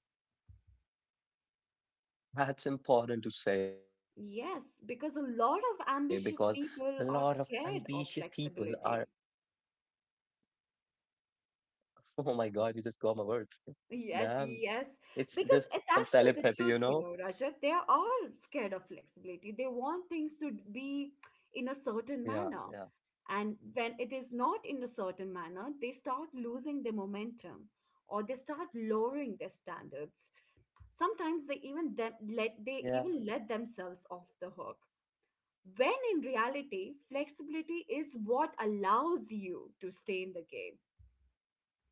Speaker 1: That's important to say because a
Speaker 2: Yes,
Speaker 1: lot of
Speaker 2: because a lot of
Speaker 1: ambitious
Speaker 2: ambitious
Speaker 1: people are,
Speaker 2: people are scared of flexibility.
Speaker 1: oh my God, you just got my words. Damn,
Speaker 2: Yes,
Speaker 1: it's
Speaker 2: yes.
Speaker 1: just some
Speaker 2: Because it's
Speaker 1: telepathy,
Speaker 2: actually
Speaker 1: you
Speaker 2: the
Speaker 1: know?
Speaker 2: truth, you know, Rajat. They are scared of flexibility. They want things to be
Speaker 1: Yeah,
Speaker 2: in a
Speaker 1: yeah,
Speaker 2: certain manner. And when it is not in a certain manner, they start losing their momentum or they start lowering their standards. Sometimes they
Speaker 1: yeah,
Speaker 2: even let themselves off the hook. When in reality,
Speaker 1: exactly.
Speaker 2: flexibility is what allows you to stay in the game,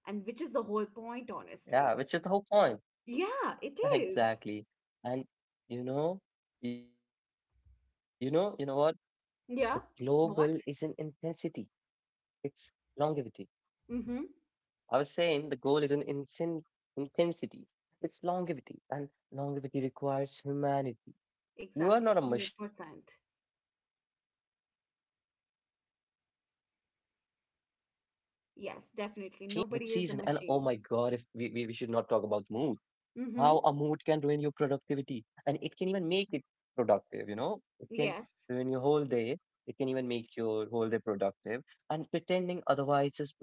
Speaker 2: and which is the whole point,
Speaker 1: Yeah, which is
Speaker 2: honestly.
Speaker 1: the whole point.
Speaker 2: Yeah, it is.
Speaker 1: Exactly. And you know, you know what? The global is in
Speaker 2: Yeah.
Speaker 1: intensity,
Speaker 2: What?
Speaker 1: it's longevity.
Speaker 2: Mm-hmm.
Speaker 1: I was saying the goal is in insin intensity, it's longevity, and longevity requires humanity. You are
Speaker 2: Exactly.
Speaker 1: not a machine, you're
Speaker 2: 100%.
Speaker 1: a person with moods, with limits, with season, and oh my God, if
Speaker 2: Yes,
Speaker 1: we should
Speaker 2: definitely.
Speaker 1: not talk
Speaker 2: Nobody
Speaker 1: about
Speaker 2: is a
Speaker 1: moods,
Speaker 2: machine.
Speaker 1: how a mood can ruin your
Speaker 2: Mm-hmm.
Speaker 1: productivity, and it can even make it productive, you know. It can ruin your whole day,
Speaker 2: Yes.
Speaker 1: it can even make your whole day productive, and pretending otherwise just builds uh,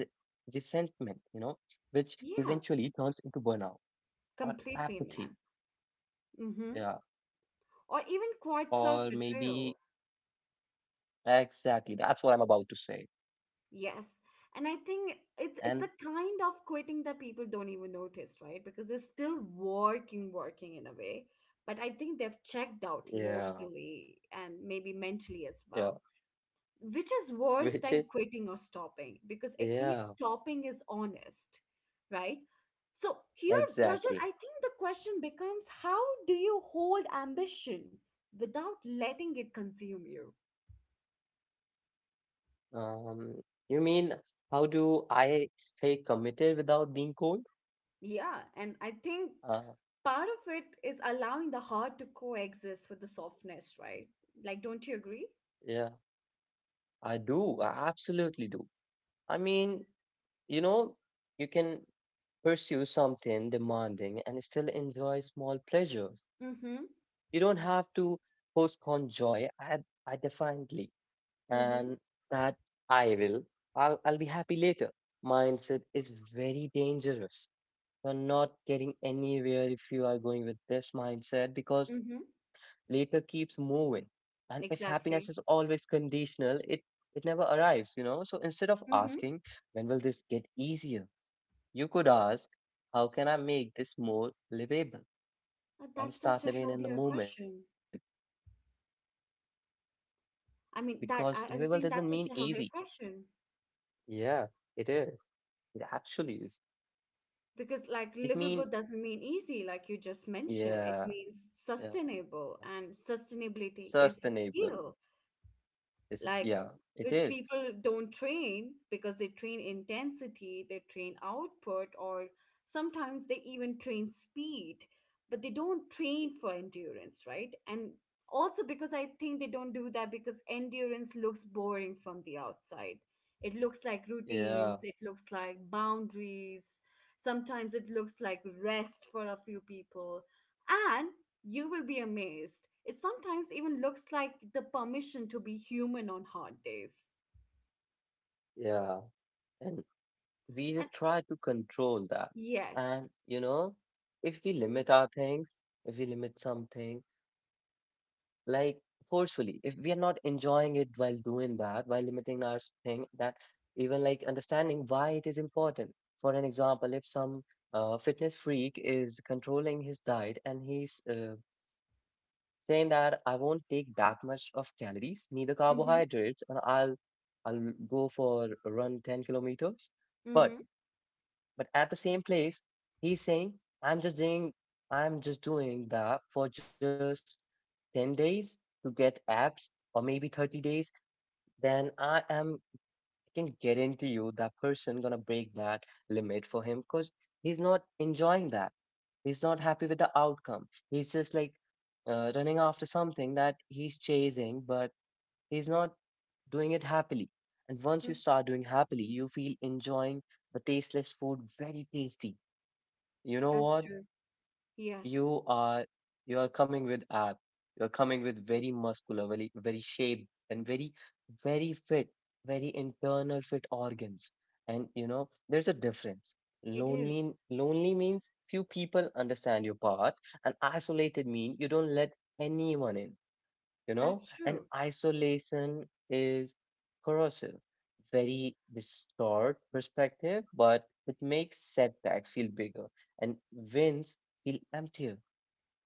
Speaker 1: resentment, you know, which
Speaker 2: Yeah.
Speaker 1: eventually turns into burnout or
Speaker 2: Completely, man.
Speaker 1: apathy.
Speaker 2: Mm-hmm.
Speaker 1: Yeah,
Speaker 2: Or even quite
Speaker 1: or maybe
Speaker 2: self-betrayal.
Speaker 1: exactly that's what I'm about to say.
Speaker 2: Yes. And I think it's the
Speaker 1: And
Speaker 2: kind of quitting that people don't even notice, right? Because they're still working in a way. But I think they've checked
Speaker 1: yeah,
Speaker 2: out emotionally and maybe mentally as
Speaker 1: yeah,
Speaker 2: well. Which is worse
Speaker 1: which
Speaker 2: than
Speaker 1: is
Speaker 2: quitting or stopping, because at least
Speaker 1: yeah,
Speaker 2: stopping is honest, right? So here, Rajat, I
Speaker 1: exactly.
Speaker 2: think the question becomes, how do you hold ambition without letting it consume you?
Speaker 1: Um, you mean how do I stay committed without being cold?
Speaker 2: Yeah, and I think
Speaker 1: Uh,
Speaker 2: part of it is allowing the heart to coexist with the softness, right? Like, don't you agree?
Speaker 1: yeah, I do. I absolutely do. I mean, you know, you can pursue something demanding and still enjoy small pleasures. You
Speaker 2: Mm-hmm.
Speaker 1: don't have to postpone joy. I definitely, and
Speaker 2: Mm-hmm.
Speaker 1: that I will. I'll be happy later. Mindset is very dangerous. You're not getting anywhere if you are going with this mindset, because
Speaker 2: Mm-hmm.
Speaker 1: later keeps moving. And if happiness is
Speaker 2: Exactly.
Speaker 1: always conditional, it never arrives, you know? So instead of
Speaker 2: Mm-hmm.
Speaker 1: asking, when will this get easier? You could ask, how can I make this more livable?
Speaker 2: That's
Speaker 1: And
Speaker 2: such a
Speaker 1: start living in
Speaker 2: healthier
Speaker 1: the moment,
Speaker 2: question. i mean that
Speaker 1: because
Speaker 2: i, I was
Speaker 1: livable
Speaker 2: saying
Speaker 1: doesn't
Speaker 2: that's such
Speaker 1: mean
Speaker 2: a healthier
Speaker 1: easy.
Speaker 2: question.
Speaker 1: Yeah, it is. It actually is.
Speaker 2: Because, like, livable
Speaker 1: It
Speaker 2: doesn't
Speaker 1: mean
Speaker 2: mean easy, like you just mentioned. It means
Speaker 1: Yeah,
Speaker 2: sustainable,
Speaker 1: yeah.
Speaker 2: and sustainability is a
Speaker 1: Sustainable.
Speaker 2: skill, like,
Speaker 1: It's yeah,
Speaker 2: which
Speaker 1: it is.
Speaker 2: people don't train because they train intensity, they train output, or sometimes they even train speed, but they don't train for endurance, right? And also because I think they don't do that because endurance looks boring from the outside. It looks like routines, it
Speaker 1: Yeah.
Speaker 2: looks like boundaries, sometimes it looks like rest for a few people. And you will be amazed. It sometimes even looks like the permission to be human on hard days.
Speaker 1: Yeah, and we
Speaker 2: And
Speaker 1: just try to control that.
Speaker 2: yes.
Speaker 1: And you know, if we limit our things, if we limit something, like forcefully. If we are not enjoying it while doing that, while limiting our thing, that even like understanding why it is important. For an example, if some fitness freak is controlling his diet and he's saying that I won't take that much of calories, neither
Speaker 2: Mm-hmm.
Speaker 1: carbohydrates, and I'll go for a run 10 kilometers.
Speaker 2: Mm-hmm.
Speaker 1: But but at the same place, he's saying, I'm just doing, I'm just doing that for just 10 days to get abs or maybe 30 days, then I am, I can guarantee you that person gonna break that limit for him because he's not enjoying that. He's not happy with the outcome. He's just like running after something that he's chasing, but he's not doing it happily. And once you
Speaker 2: Mm,
Speaker 1: start doing happily, you feel enjoying the tasteless food very tasty. You know
Speaker 2: that's
Speaker 1: what?
Speaker 2: true. Yes,
Speaker 1: You are you are coming with ab. You're coming with very muscular, very shaped and very fit, very internal fit organs. And you know, there's a difference.
Speaker 2: it is.
Speaker 1: Lonely lonely means few people understand your path, and isolated mean you don't let anyone in, you know,
Speaker 2: That's
Speaker 1: and
Speaker 2: true.
Speaker 1: isolation is corrosive. Very distort perspective, but it makes setbacks feel bigger and wins feel emptier.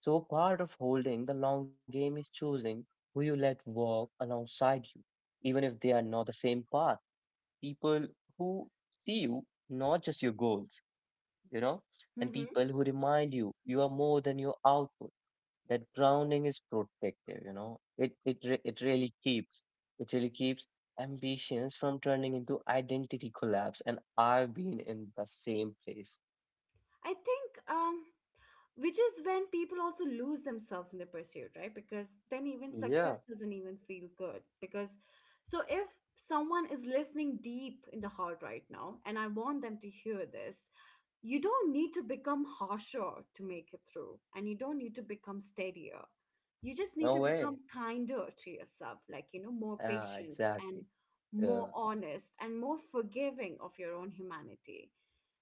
Speaker 1: So part of holding the long game is choosing who you let walk alongside you, even if they are not the same path. People who see you, not just your goals, you know, and
Speaker 2: Mm-hmm.
Speaker 1: people who remind you you are more than your output. That grounding is protective, you know. It re- it really keeps ambitions from turning into identity collapse. And I've been in the same place.
Speaker 2: I think which is when people also lose themselves in the pursuit, right? Because then even
Speaker 1: Yeah,
Speaker 2: success doesn't even feel good. Because so if someone is listening deep in the heart right now, and I want them to hear this, you don't need to become harsher to make it through, and you don't need to become steadier, you just need
Speaker 1: no
Speaker 2: to become
Speaker 1: way.
Speaker 2: kinder to yourself, like, you know, more
Speaker 1: Yeah,
Speaker 2: patient and
Speaker 1: exactly.
Speaker 2: more
Speaker 1: Yeah,
Speaker 2: honest and more forgiving of your own humanity.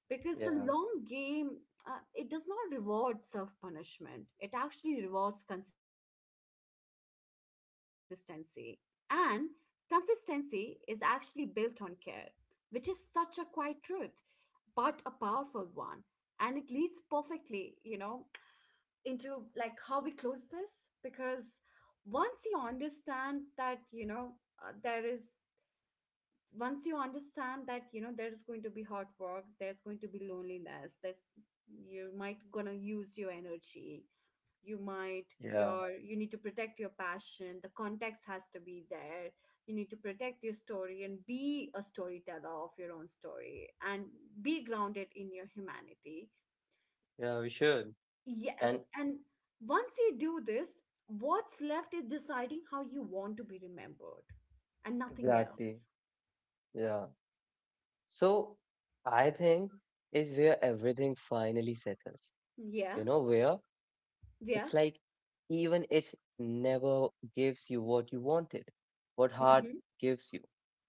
Speaker 2: Because the
Speaker 1: yeah,
Speaker 2: long game, it does not reward self punishment, it actually rewards consistency, and consistency is actually built on care, which is such a quiet truth, but a powerful one. And it leads perfectly, you know, into like how we close this. Because once you understand that, you know, there is once you understand that, you know, there's going to be hard work, there's going to be loneliness, there's you might gonna use your energy you might
Speaker 1: yeah,
Speaker 2: your, you need to protect your passion, the context has to be there, you need to protect your story and be a storyteller of your own story and be grounded in your humanity.
Speaker 1: yeah, we should.
Speaker 2: Yes,
Speaker 1: And
Speaker 2: and once you do this, what's left is deciding how you want to be remembered, and nothing
Speaker 1: exactly,
Speaker 2: else.
Speaker 1: yeah. So I think is where everything finally settles.
Speaker 2: Yeah.
Speaker 1: You know, where
Speaker 2: Yeah.
Speaker 1: it's like even it never gives you what you wanted, what heart
Speaker 2: Hmm.
Speaker 1: gives you.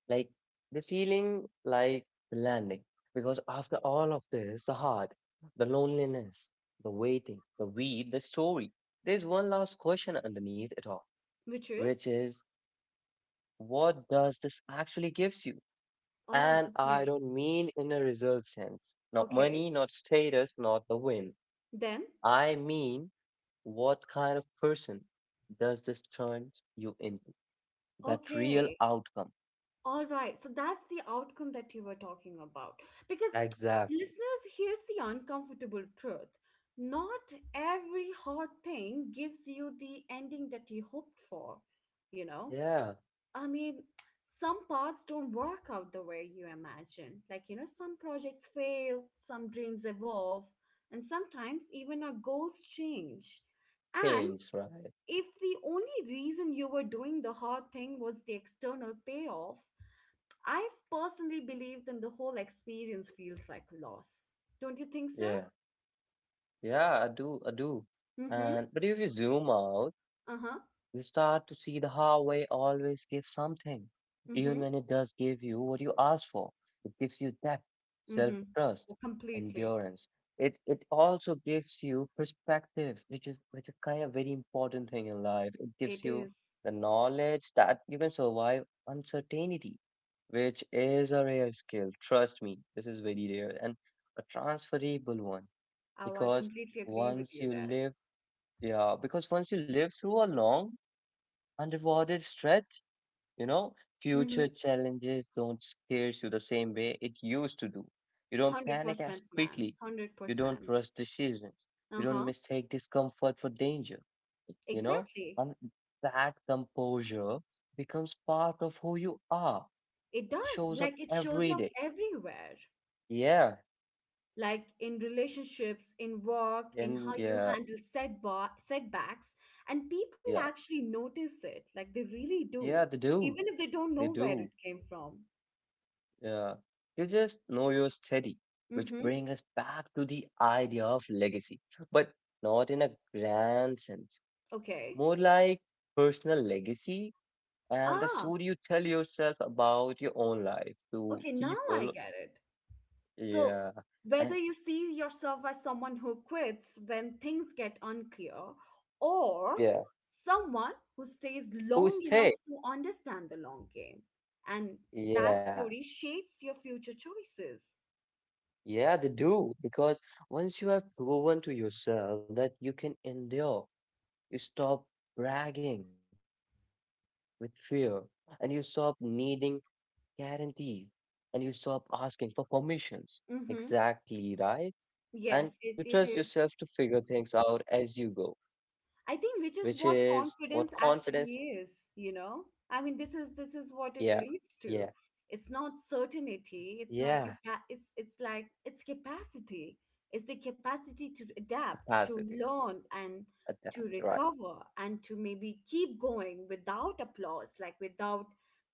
Speaker 1: Like this feeling like the landing. Because after all of this, the heart, the loneliness, the waiting, the weed, the story, there's one last question underneath it all,
Speaker 2: Which
Speaker 1: which
Speaker 2: is.
Speaker 1: is what does this actually gives you?
Speaker 2: Oh.
Speaker 1: And I
Speaker 2: Okay.
Speaker 1: don't mean in a result sense. Not
Speaker 2: Okay,
Speaker 1: money, not status, not the win.
Speaker 2: then.
Speaker 1: I mean, what kind of person does this turn you into? That real
Speaker 2: Okay.
Speaker 1: outcome.
Speaker 2: All right, so that's the outcome that you were talking about. Because
Speaker 1: Exactly.
Speaker 2: listeners, here's the uncomfortable truth. Not every hard thing gives you the ending that you hoped for, you know?
Speaker 1: Yeah.
Speaker 2: I mean, some parts don't work out the way you imagine. Like, you know, some projects fail, some dreams evolve, and sometimes even our goals change. And
Speaker 1: Change, right?
Speaker 2: if the only reason you were doing the hard thing was the external payoff, I've personally believed in the whole experience feels like a loss. Don't you think so?
Speaker 1: Yeah. Yeah, I do. I do.
Speaker 2: Mm-hmm.
Speaker 1: And but if you zoom out,
Speaker 2: Uh-huh.
Speaker 1: you start to see the highway always gives something, even
Speaker 2: Mm-hmm.
Speaker 1: when it does give you what you ask for. It gives you depth, self
Speaker 2: Mm-hmm.
Speaker 1: trust,
Speaker 2: Oh, completely.
Speaker 1: endurance. It also gives you perspectives, which is kind of very important thing in life. It gives
Speaker 2: It
Speaker 1: you
Speaker 2: is.
Speaker 1: the knowledge that you can survive uncertainty, which is a rare skill. Trust me, this is very rare and a transferable one,
Speaker 2: Oh, I
Speaker 1: because
Speaker 2: completely agree with
Speaker 1: once
Speaker 2: you
Speaker 1: you
Speaker 2: there.
Speaker 1: live, yeah, because once you live through a long unrewarded stretch, you know,
Speaker 2: Mm-hmm.
Speaker 1: future challenges don't scare you the same way it used to do. You don't panic as
Speaker 2: 100%, man.
Speaker 1: quickly. You don't
Speaker 2: 100%.
Speaker 1: rush decisions. You don't
Speaker 2: Uh-huh.
Speaker 1: mistake discomfort for danger, you know,
Speaker 2: Exactly.
Speaker 1: and that composure becomes part of who you are.
Speaker 2: It
Speaker 1: It
Speaker 2: does.
Speaker 1: shows up
Speaker 2: Like it shows
Speaker 1: every
Speaker 2: up
Speaker 1: day.
Speaker 2: everywhere.
Speaker 1: Yeah,
Speaker 2: Like in relationships, in work, in how
Speaker 1: and
Speaker 2: you
Speaker 1: yeah,
Speaker 2: handle setbacks. And people
Speaker 1: yeah,
Speaker 2: actually notice it, like they really do,
Speaker 1: yeah, they do.
Speaker 2: even if they don't
Speaker 1: They
Speaker 2: know where it
Speaker 1: do.
Speaker 2: came from.
Speaker 1: Yeah, you just know your steady, which
Speaker 2: Mm-hmm.
Speaker 1: brings us back to the idea of legacy, but not in a grand sense,
Speaker 2: Okay.
Speaker 1: more like personal legacy and the
Speaker 2: Ah,
Speaker 1: story you tell yourself about your own life to
Speaker 2: okay, now I
Speaker 1: people.
Speaker 2: get it. So,
Speaker 1: Yeah,
Speaker 2: whether
Speaker 1: and
Speaker 2: you see yourself as someone who quits when things get unclear, or
Speaker 1: yeah,
Speaker 2: someone who stays
Speaker 1: who
Speaker 2: long enough
Speaker 1: stay.
Speaker 2: to understand the long game, and that
Speaker 1: Yeah,
Speaker 2: story shapes your future choices.
Speaker 1: yeah, they do, because once you have proven to yourself that you can endure. You stop bragging with fear, and you stop needing guarantee, and you stop asking for permissions.
Speaker 2: Mm-hmm.
Speaker 1: Exactly right. And
Speaker 2: Yes, it,
Speaker 1: you
Speaker 2: it
Speaker 1: trust
Speaker 2: is.
Speaker 1: yourself to figure things out as you go,
Speaker 2: I think which is
Speaker 1: which
Speaker 2: what
Speaker 1: is what
Speaker 2: confidence
Speaker 1: confidence,
Speaker 2: actually is, you know? I mean, this is what it
Speaker 1: yeah,
Speaker 2: leads to.
Speaker 1: yeah,
Speaker 2: It's not certainty, it's not
Speaker 1: yeah,
Speaker 2: it's capacity. It's the capacity to
Speaker 1: it's
Speaker 2: adapt, to
Speaker 1: capacity.
Speaker 2: learn and to
Speaker 1: Adapt, right.
Speaker 2: recover and to maybe keep going without applause, like without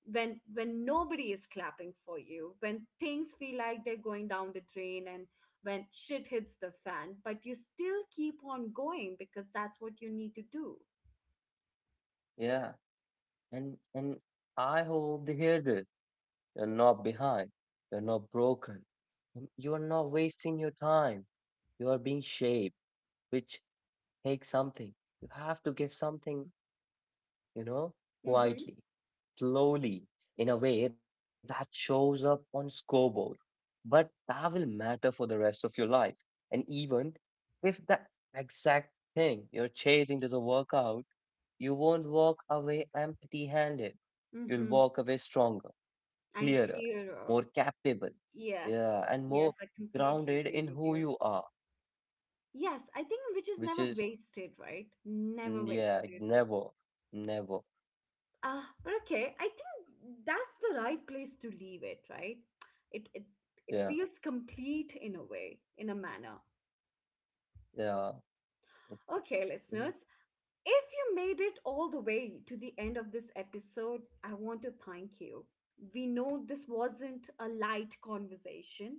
Speaker 2: when nobody is clapping for you, when things feel like they're going down the drain and when shit hits the fan, but you still keep on going because that's what you need to do.
Speaker 1: Yeah. And I hope they hear this. You're not behind. You're not broken. You are not wasting your time, you are being shaped, which take something. You have to give something, you know,
Speaker 2: Mm-hmm.
Speaker 1: quietly, slowly, in a way that shows up on scoreboard. But that will matter for the rest of your life. And even if that exact thing you're chasing doesn't work out, you won't walk away empty handed. You'll
Speaker 2: Mm-hmm.
Speaker 1: walk away stronger,
Speaker 2: And
Speaker 1: clearer,
Speaker 2: clearer.
Speaker 1: more capable,
Speaker 2: Yes.
Speaker 1: yeah, and
Speaker 2: Yes,
Speaker 1: more
Speaker 2: I completely
Speaker 1: grounded
Speaker 2: agree
Speaker 1: in
Speaker 2: with
Speaker 1: who
Speaker 2: you.
Speaker 1: you are,
Speaker 2: Yes, I think which is
Speaker 1: which
Speaker 2: never
Speaker 1: is,
Speaker 2: wasted, right? Never
Speaker 1: mm, yeah,
Speaker 2: wasted.
Speaker 1: never, never.
Speaker 2: Ah, but okay. I think that's the right place to leave it, right? It it it
Speaker 1: Yeah,
Speaker 2: feels complete in a way, in a manner.
Speaker 1: yeah, it
Speaker 2: Okay,
Speaker 1: is.
Speaker 2: listeners, if you made it all the way to the end of this episode, I want to thank you. We know this wasn't a light conversation.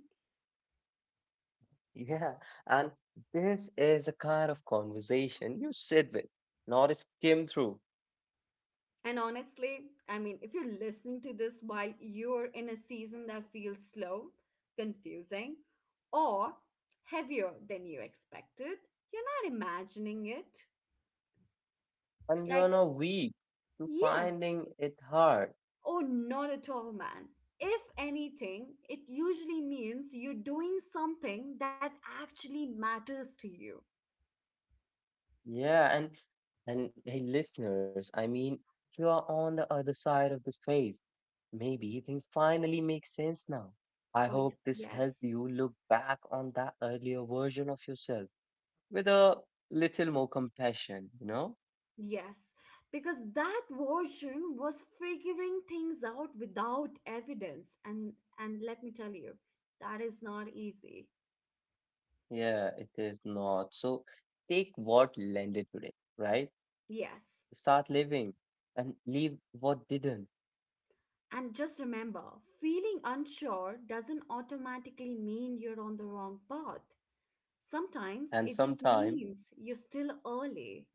Speaker 1: Yeah. And this is a kind of conversation you sit with, not skim through,
Speaker 2: And honestly, I mean, if you're listening to this while you're in a season that feels slow, confusing, or heavier than you expected, you're not imagining it.
Speaker 1: and you are
Speaker 2: Like,
Speaker 1: not weak to
Speaker 2: yes,
Speaker 1: finding it hard.
Speaker 2: or not at all, man. If anything, it usually means you're doing something that actually matters to you.
Speaker 1: Yeah, and hey, listeners, I mean, you are on the other side of this phase. Maybe things finally make sense now. I
Speaker 2: Oh,
Speaker 1: hope this helped
Speaker 2: yes,
Speaker 1: you look back on that earlier version of yourself with a little more compassion, you know?
Speaker 2: yes, because that version was figuring things out without evidence, and let me tell you, that is not easy.
Speaker 1: Yeah, it is not. So take what landed today, right?
Speaker 2: Yes,
Speaker 1: Start living and leave what didn't.
Speaker 2: and just remember, feeling unsure doesn't automatically mean you're on the wrong path. Sometimes
Speaker 1: And
Speaker 2: it just
Speaker 1: sometime,
Speaker 2: means you're still early.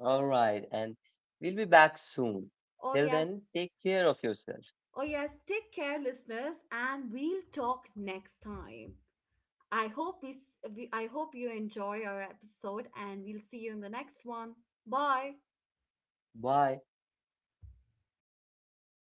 Speaker 1: all right, and we'll be back soon.
Speaker 2: Oh
Speaker 1: Till
Speaker 2: yes,
Speaker 1: then, take care of yourself.
Speaker 2: oh yes, take care, listeners, and we'll talk next time. I hope we, s- we I hope you enjoy our episode and we'll see you in the next one. Bye.
Speaker 1: Bye.